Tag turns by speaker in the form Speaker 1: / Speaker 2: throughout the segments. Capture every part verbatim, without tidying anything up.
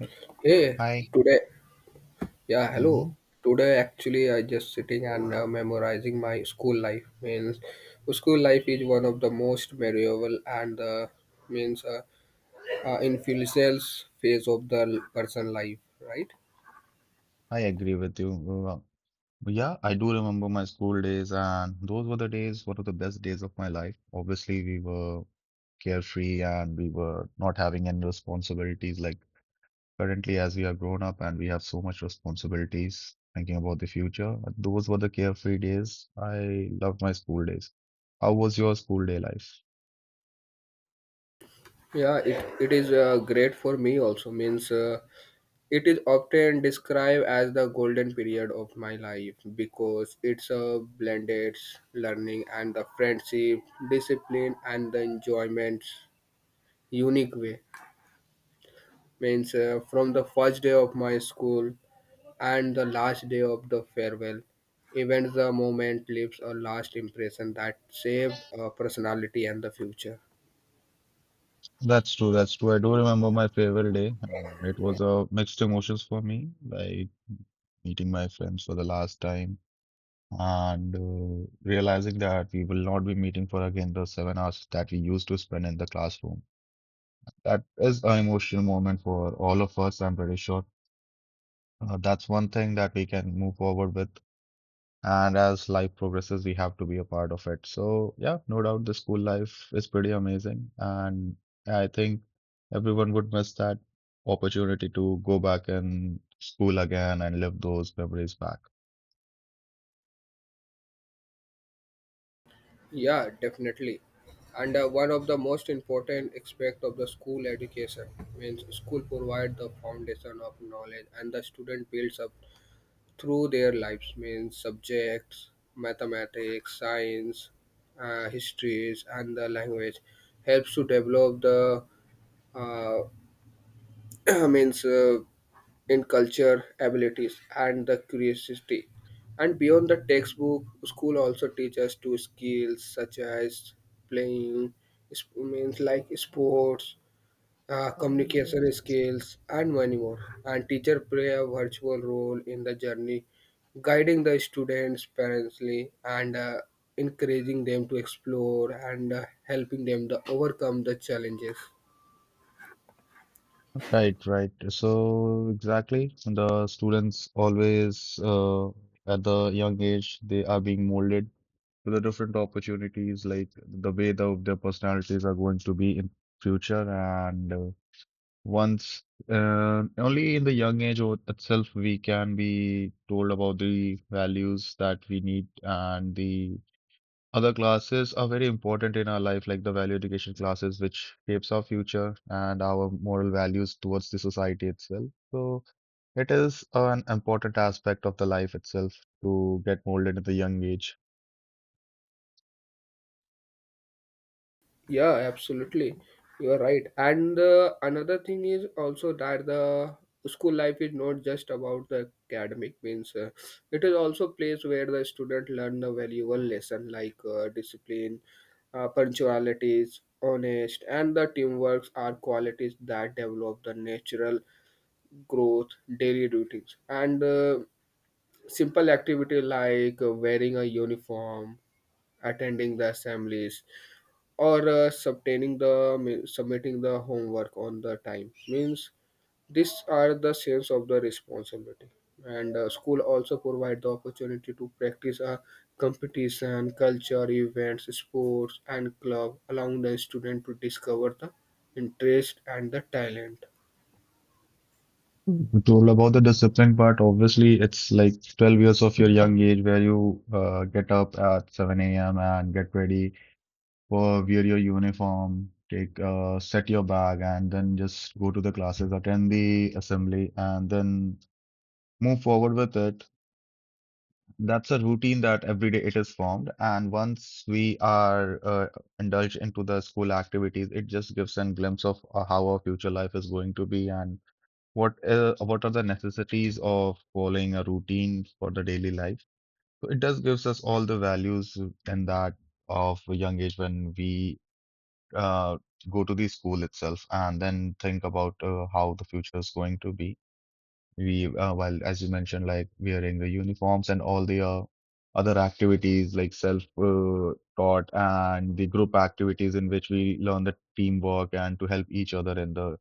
Speaker 1: I
Speaker 2: Hey,
Speaker 1: I
Speaker 2: today, yeah, hello.
Speaker 1: Mhm.
Speaker 2: Today, actually, I just sitting and uh, memorizing my school life. Means, school life is one of the most memorable and uh, means uh, uh, influential phase of the l- person life, right?
Speaker 1: I agree with you. Uh, Yeah, I do remember my school days, and those were the days, one of the best days of my life. Obviously, we were carefree and we were not having any responsibilities. Like currently, as we are grown up and we have so much responsibilities, thinking about the future. Those were the carefree days. I loved my school days. How was your school day life?
Speaker 2: Yeah, it, it is uh, great for me also. Means, uh, it is often described as the golden period of my life because it's a blended learning and the friendship, discipline, and the enjoyments unique way. Means uh, From the first day of my school and the last day of the farewell, even the moment leaves a last impression that saved a personality and the future.
Speaker 1: That's true. That's true. I do remember my farewell day. Uh, it was a mixed emotions for me, like meeting my friends for the last time and uh, realizing that we will not be meeting for again the seven hours that we used to spend in the classroom. That is an emotional moment for all of us, I'm pretty sure. Uh, that's one thing that we can move forward with. And as life progresses, we have to be a part of it. So, yeah, no doubt the school life is pretty amazing. And I think everyone would miss that opportunity to go back in school again and live those memories back.
Speaker 2: Yeah, definitely. And uh, One of the most important aspect of the school education means school provide the foundation of knowledge and the student builds up through their lives means subjects, mathematics, science, uh, histories, and the language helps to develop the uh, means uh, in culture abilities and the curiosity. And beyond the textbook, school also teaches to skills such as playing, sp- means like sports, uh, communication skills, and many more. And teacher play a virtual role in the journey, guiding the students, parents, and uh, encouraging them to explore and uh, helping them to overcome the challenges.
Speaker 1: Right, right. So exactly, the students always uh, at the young age they are being molded to the different opportunities, like the way the, their personalities are going to be in future. And uh, once, uh, only in the young age o- itself, we can be told about the values that we need, and the other classes are very important in our life, like the value education classes, which shapes our future and our moral values towards the society itself. So it is an important aspect of the life itself to get molded at the young age.
Speaker 2: Yeah, absolutely. You're right. And uh, Another thing is also that the school life is not just about the academic means uh, it is also place where the student learn the valuable lesson like uh, discipline uh, punctualities honest and the teamwork are qualities that develop the natural growth daily routines and uh, simple activity like uh, wearing a uniform attending the assemblies or uh, subtaining the submitting the homework on the time means these are the sense of the responsibility and uh, school also provide the opportunity to practice a competition culture events sports and club allowing the student to discover the interest and the talent.
Speaker 1: You told about the discipline part. Obviously, it's like twelve years of your young age where you uh, get up at seven a m and get ready. Wear wear your uniform, take uh, set your bag, and then just go to the classes, attend the assembly, and then move forward with it. That's a routine that every day it is formed. And once we are uh, indulged into the school activities, it just gives a glimpse of uh, how our future life is going to be and what uh, what are the necessities of following a routine for the daily life. So it does gives us all the values in that of a young age when we uh, go to the school itself and then think about uh, how the future is going to be. We, uh, well, as you mentioned, like wearing the uniforms and all the uh, other activities like self uh, taught and the group activities in which we learn the teamwork and to help each other in the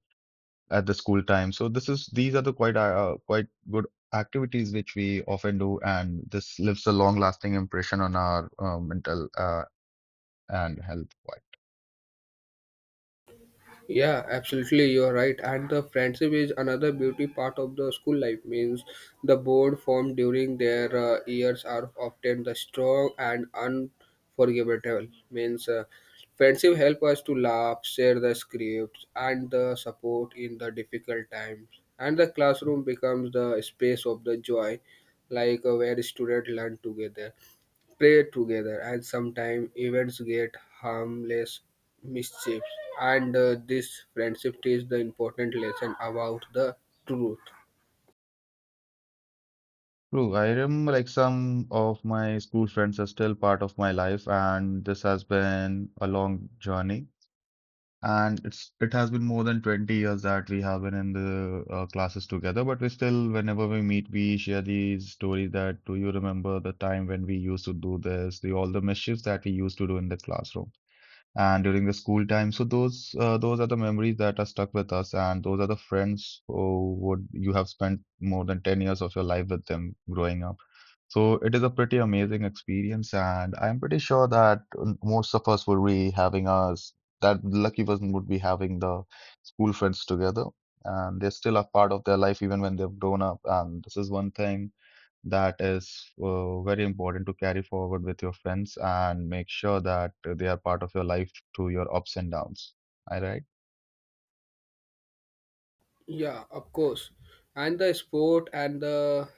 Speaker 1: at the school time. So this is these are the quite uh, quite good activities which we often do, and this leaves a long lasting impression on our uh, mental uh, and health.
Speaker 2: Yeah, absolutely, you're right. And the friendship is another beauty part of the school life. Means the bond formed during their uh, years are often the strong and unforgettable. Means uh, Friendship help us to laugh, share the scripts, and the support in the difficult times. And the classroom becomes the space of the joy, like uh, where students learn together play together and sometimes events get harmless mischiefs and uh, this friendship teaches the important lesson about the truth.
Speaker 1: True, I remember like some of my school friends are still part of my life, and this has been a long journey. And it's it has been more than twenty years that we have been in the uh, classes together, but we still, whenever we meet, we share these stories that do you remember the time when we used to do this, the all the mischiefs that we used to do in the classroom and during the school time. So those uh, those are the memories that are stuck with us, and those are the friends who would you have spent more than ten years of your life with them growing up. So it is a pretty amazing experience, and I'm pretty sure that um, most of us would be having us that lucky person would be having the school friends together, and they're still a part of their life even when they've grown up. And this is one thing that is uh, very important to carry forward with your friends and make sure that they are part of your life through your ups and downs. All right.
Speaker 2: Yeah, of course. And the sport and the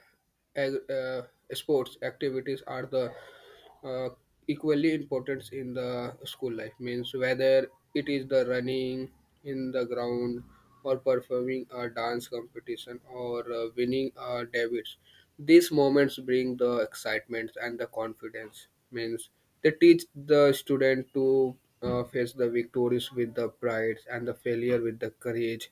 Speaker 2: ag- uh, sports activities are the uh, equally important in the school life. Means whether it is the running in the ground or performing a dance competition or uh, winning a debits. These moments bring the excitement and the confidence. Means they teach the student to uh, face the victories with the pride and the failure with the courage.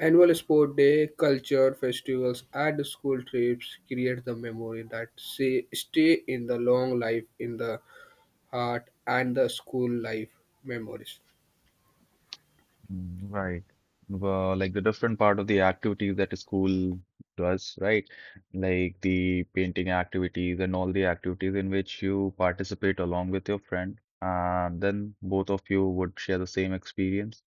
Speaker 2: Annual sport day, culture, festivals, and school trips create the memory that say, stay in the long life in the heart and the school life memories.
Speaker 1: Right. Well, like the different part of the activity that a school does, right? Like the painting activities and all the activities in which you participate along with your friend, and then both of you would share the same experience.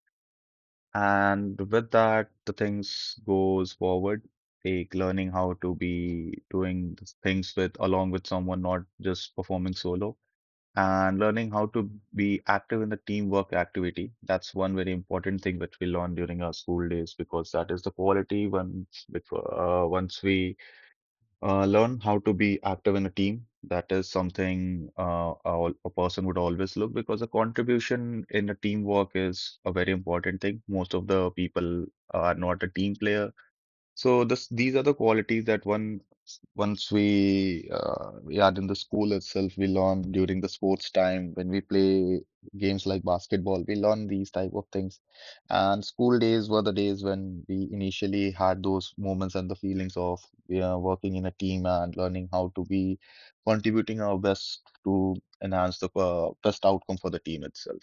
Speaker 1: And with that, the things goes forward, like learning how to be doing these things with along with someone, not just performing solo and learning how to be active in the teamwork activity. That's one very important thing which we learn during our school days because that is the quality once which uh, once we uh, learn how to be active in a team. That is something uh, a, a person would always look because the contribution in a teamwork is a very important thing. Most of the people are not a team player, so this, these are the qualities that one once we uh, we are in the school itself, we learn during the sports time when we play games like basketball, we learn these type of things. And school days were the days when we initially had those moments and the feelings of, you know, working in a team and learning how to be contributing our best to enhance the uh, best outcome for the team itself.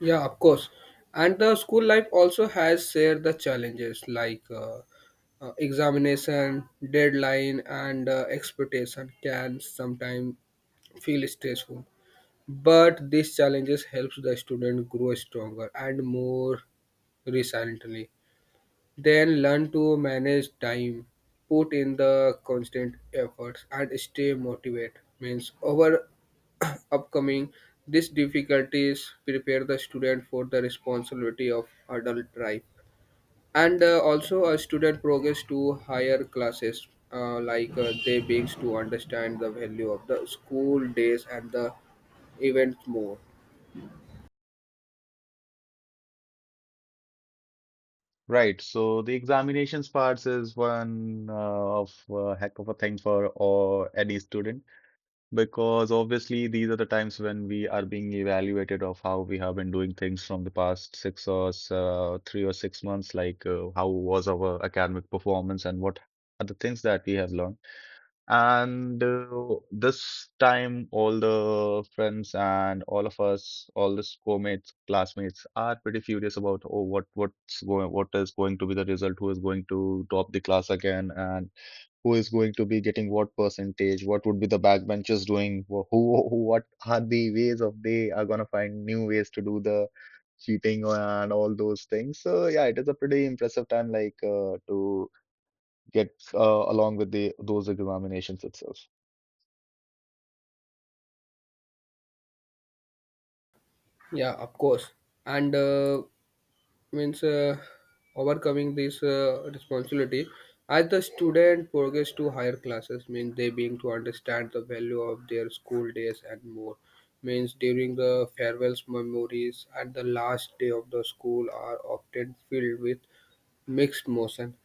Speaker 2: Yeah, of course. And the school life also has shared the challenges like uh, uh, examination, deadline, and uh, expectation can sometimes feel stressful. But these challenges helps the student grow stronger and more resiliently. Then learn to manage time, put in the constant efforts, and stay motivated. Means over upcoming these difficulties prepare the student for the responsibility of adult life. And uh, Also, a student progress to higher classes, uh, like uh, they begins to understand the value of the school days and the events more.
Speaker 1: Right. So the examinations parts is one uh, of uh, heck of a thing for or any student because obviously these are the times when we are being evaluated of how we have been doing things from the past six or s- uh, three or six months, like uh, how was our academic performance and what are the things that we have learned. And uh, this time, all the friends and all of us, all the schoolmates, classmates are pretty furious about, oh, what what's going, what is going to be the result? Who is going to top the class again? And who is going to be getting what percentage? What would be the backbenchers doing? Wh- Who, who what are the ways of they are gonna find new ways to do the cheating and all those things. So yeah, it is a pretty impressive time, like uh, to get uh, along with the those examinations itself.
Speaker 2: Yeah, of course. And uh, means uh, Overcoming this uh, responsibility as the student progress to higher classes means they being to understand the value of their school days and more means during the farewells memories and the last day of the school are often filled with mixed motion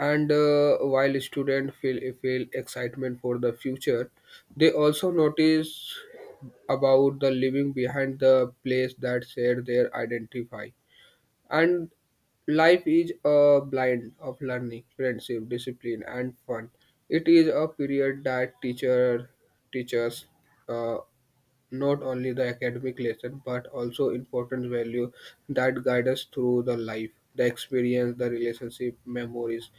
Speaker 2: and uh, while students feel feel excitement for the future they also notice about the leaving behind the place that shared their identify and life is a blend of learning, friendship, discipline, and fun. It is a period that teacher teaches uh, not only the academic lesson but also important value that guide us through the life. The experience, the relationship, memories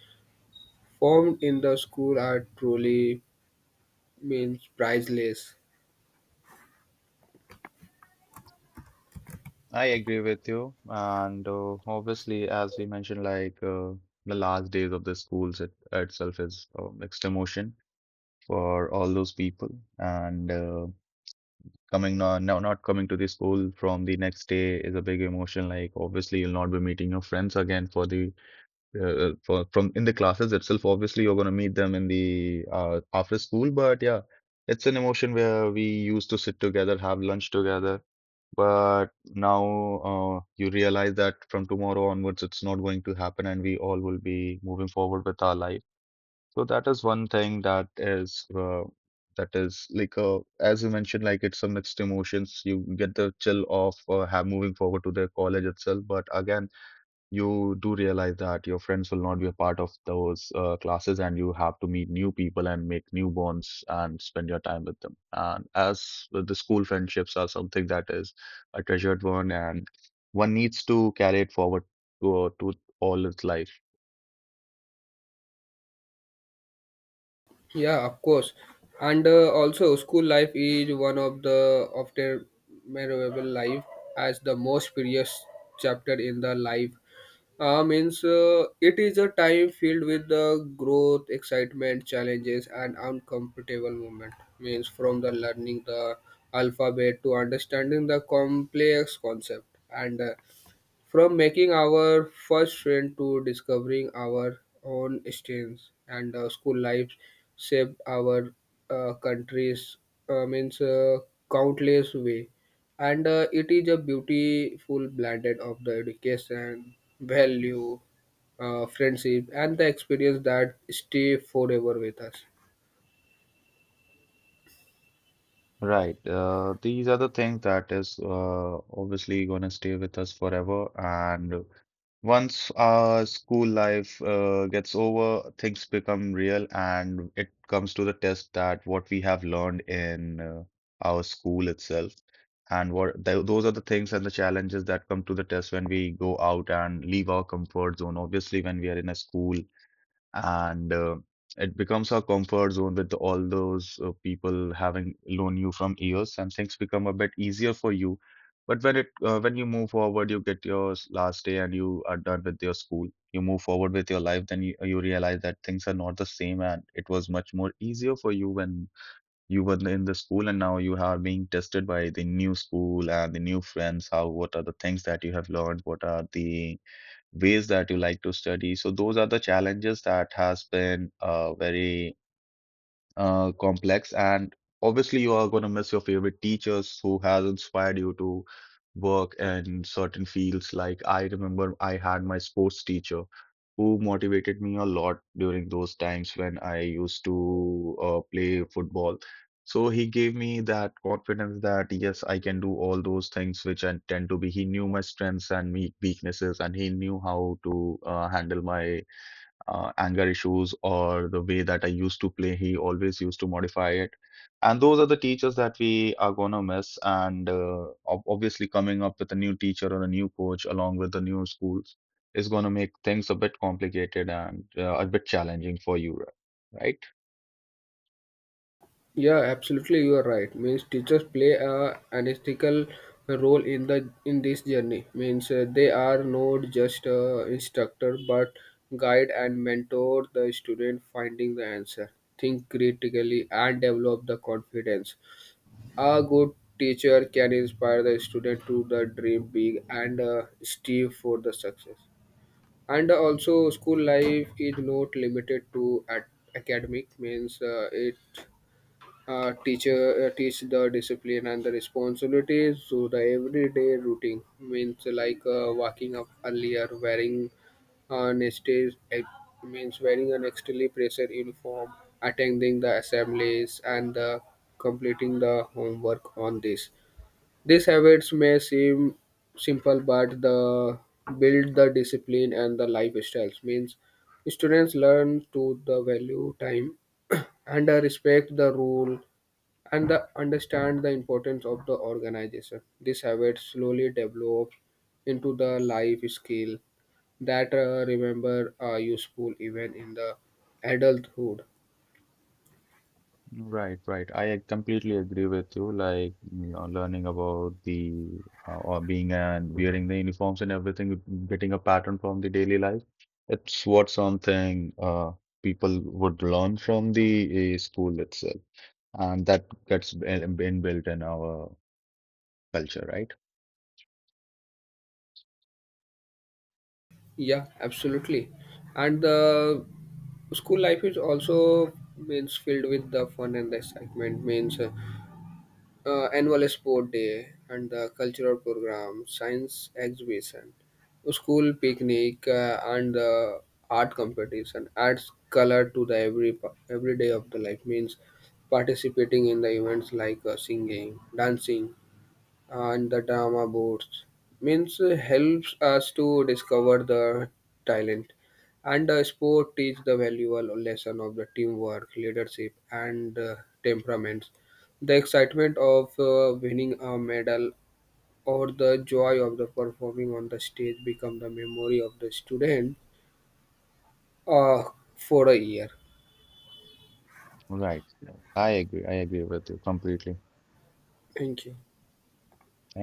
Speaker 2: formed in the school are truly means priceless.
Speaker 1: I agree with you. And uh, obviously, as we mentioned, like uh, the last days of the schools it, itself is uh, mixed emotion for all those people. And uh, coming, no, no, not coming to the school from the next day is a big emotion. Like, obviously, you'll not be meeting your friends again for the uh, uh, for, from in the classes itself. Obviously, you're going to meet them in the uh, after school, but yeah, it's an emotion where we used to sit together, have lunch together. But now uh, you realize that from tomorrow onwards, it's not going to happen, and we all will be moving forward with our life. So that is one thing that is uh, that is like uh, as you mentioned, like it's a mixed emotions. You get the chill of uh, have moving forward to the college itself, but again you do realize that your friends will not be a part of those uh, classes and you have to meet new people and make new bonds and spend your time with them. And as with the school friendships are something that is a treasured one and one needs to carry it forward to, to all its life.
Speaker 2: Yeah, of course. And uh, Also, school life is one of the of their memorable life as the most precious chapter in the life. Uh, means uh, It is a time filled with the growth, excitement, challenges, and uncomfortable moment. Means from the learning the alphabet to understanding the complex concept and uh, from making our first friend to discovering our own strengths and uh, school life shaped our uh, countries uh, means uh, countless way and uh, it is a beautiful blended of the education value uh, friendship and the experience that stay forever with us.
Speaker 1: Right. Uh, these are the things that is uh, obviously going to stay with us forever. And once our school life uh, gets over, things become real and it comes to the test that what we have learned in uh, our school itself. And what th those are the things and the challenges that come to the test when we go out and leave our comfort zone. Obviously, when we are in a school and uh, it becomes our comfort zone with all those uh, people having known you from years and things become a bit easier for you, but when it uh, when you move forward, you get your s- last day and you are done with your school, you move forward with your life, then you, you realize that things are not the same and it was much more easier for you when you were in the school, and now you are being tested by the new school and the new friends, how, what are the things that you have learned, what are the ways that you like to study. So those are the challenges that has been uh, very uh, complex, and obviously you are going to miss your favorite teachers who has inspired you to work in certain fields. Like I remember I had my sports teacher who motivated me a lot during those times when I used to uh, play football, so he gave me that confidence that yes, I can do all those things which I tend to be. He knew my strengths and me weaknesses, and he knew how to uh, handle my uh, anger issues, or the way that I used to play, he always used to modify it. And those are the teachers that we are going to miss. And uh, ob- obviously, coming up with a new teacher or a new coach along with the new schools is going to make things a bit complicated and uh, a bit challenging for you, right?
Speaker 2: Yeah, absolutely, you are right. Means teachers play a an ethical role in the in this journey. Means uh, They are not just uh, instructor but guide and mentor the student finding the answer. Think critically and develop the confidence. A good teacher can inspire the student to the dream big and uh, strive for the success. And also, school life is not limited to at academic. Means uh, It uh, teacher uh, teach the discipline and the responsibilities to the everyday routine means like uh, waking up earlier wearing uh, next day's ex- means wearing an extremely pressure uniform attending the assemblies and uh, completing the homework on this these habits may seem simple but the build the discipline and the lifestyles means students learn to the value time and uh, respect the rule and the, understand the importance of the organization. This habit slowly develops into the life skill that uh, remember are useful even in the adulthood.
Speaker 1: Right, right. I completely agree with you. Like, you know, learning about the uh, or being and wearing the uniforms and everything, getting a pattern from the daily life. It's what something uh, people would learn from the uh, school itself, and that gets been been built in our culture, right?
Speaker 2: Yeah, absolutely. And the school life is also means filled with the fun and the excitement means uh, uh, annual sport day and the cultural program, science exhibition, school picnic, uh, and uh, art competition adds color to the every pa- every day of the life. Means participating in the events like uh, singing, dancing, and the drama boards means uh, helps us to discover the talent and the sport teach the valuable lesson of the teamwork leadership and uh, temperaments the excitement of uh, winning a medal or the joy of the performing on the stage become the memory of the student uh, for a year.
Speaker 1: Right. I agree. I agree with you completely.
Speaker 2: Thank you.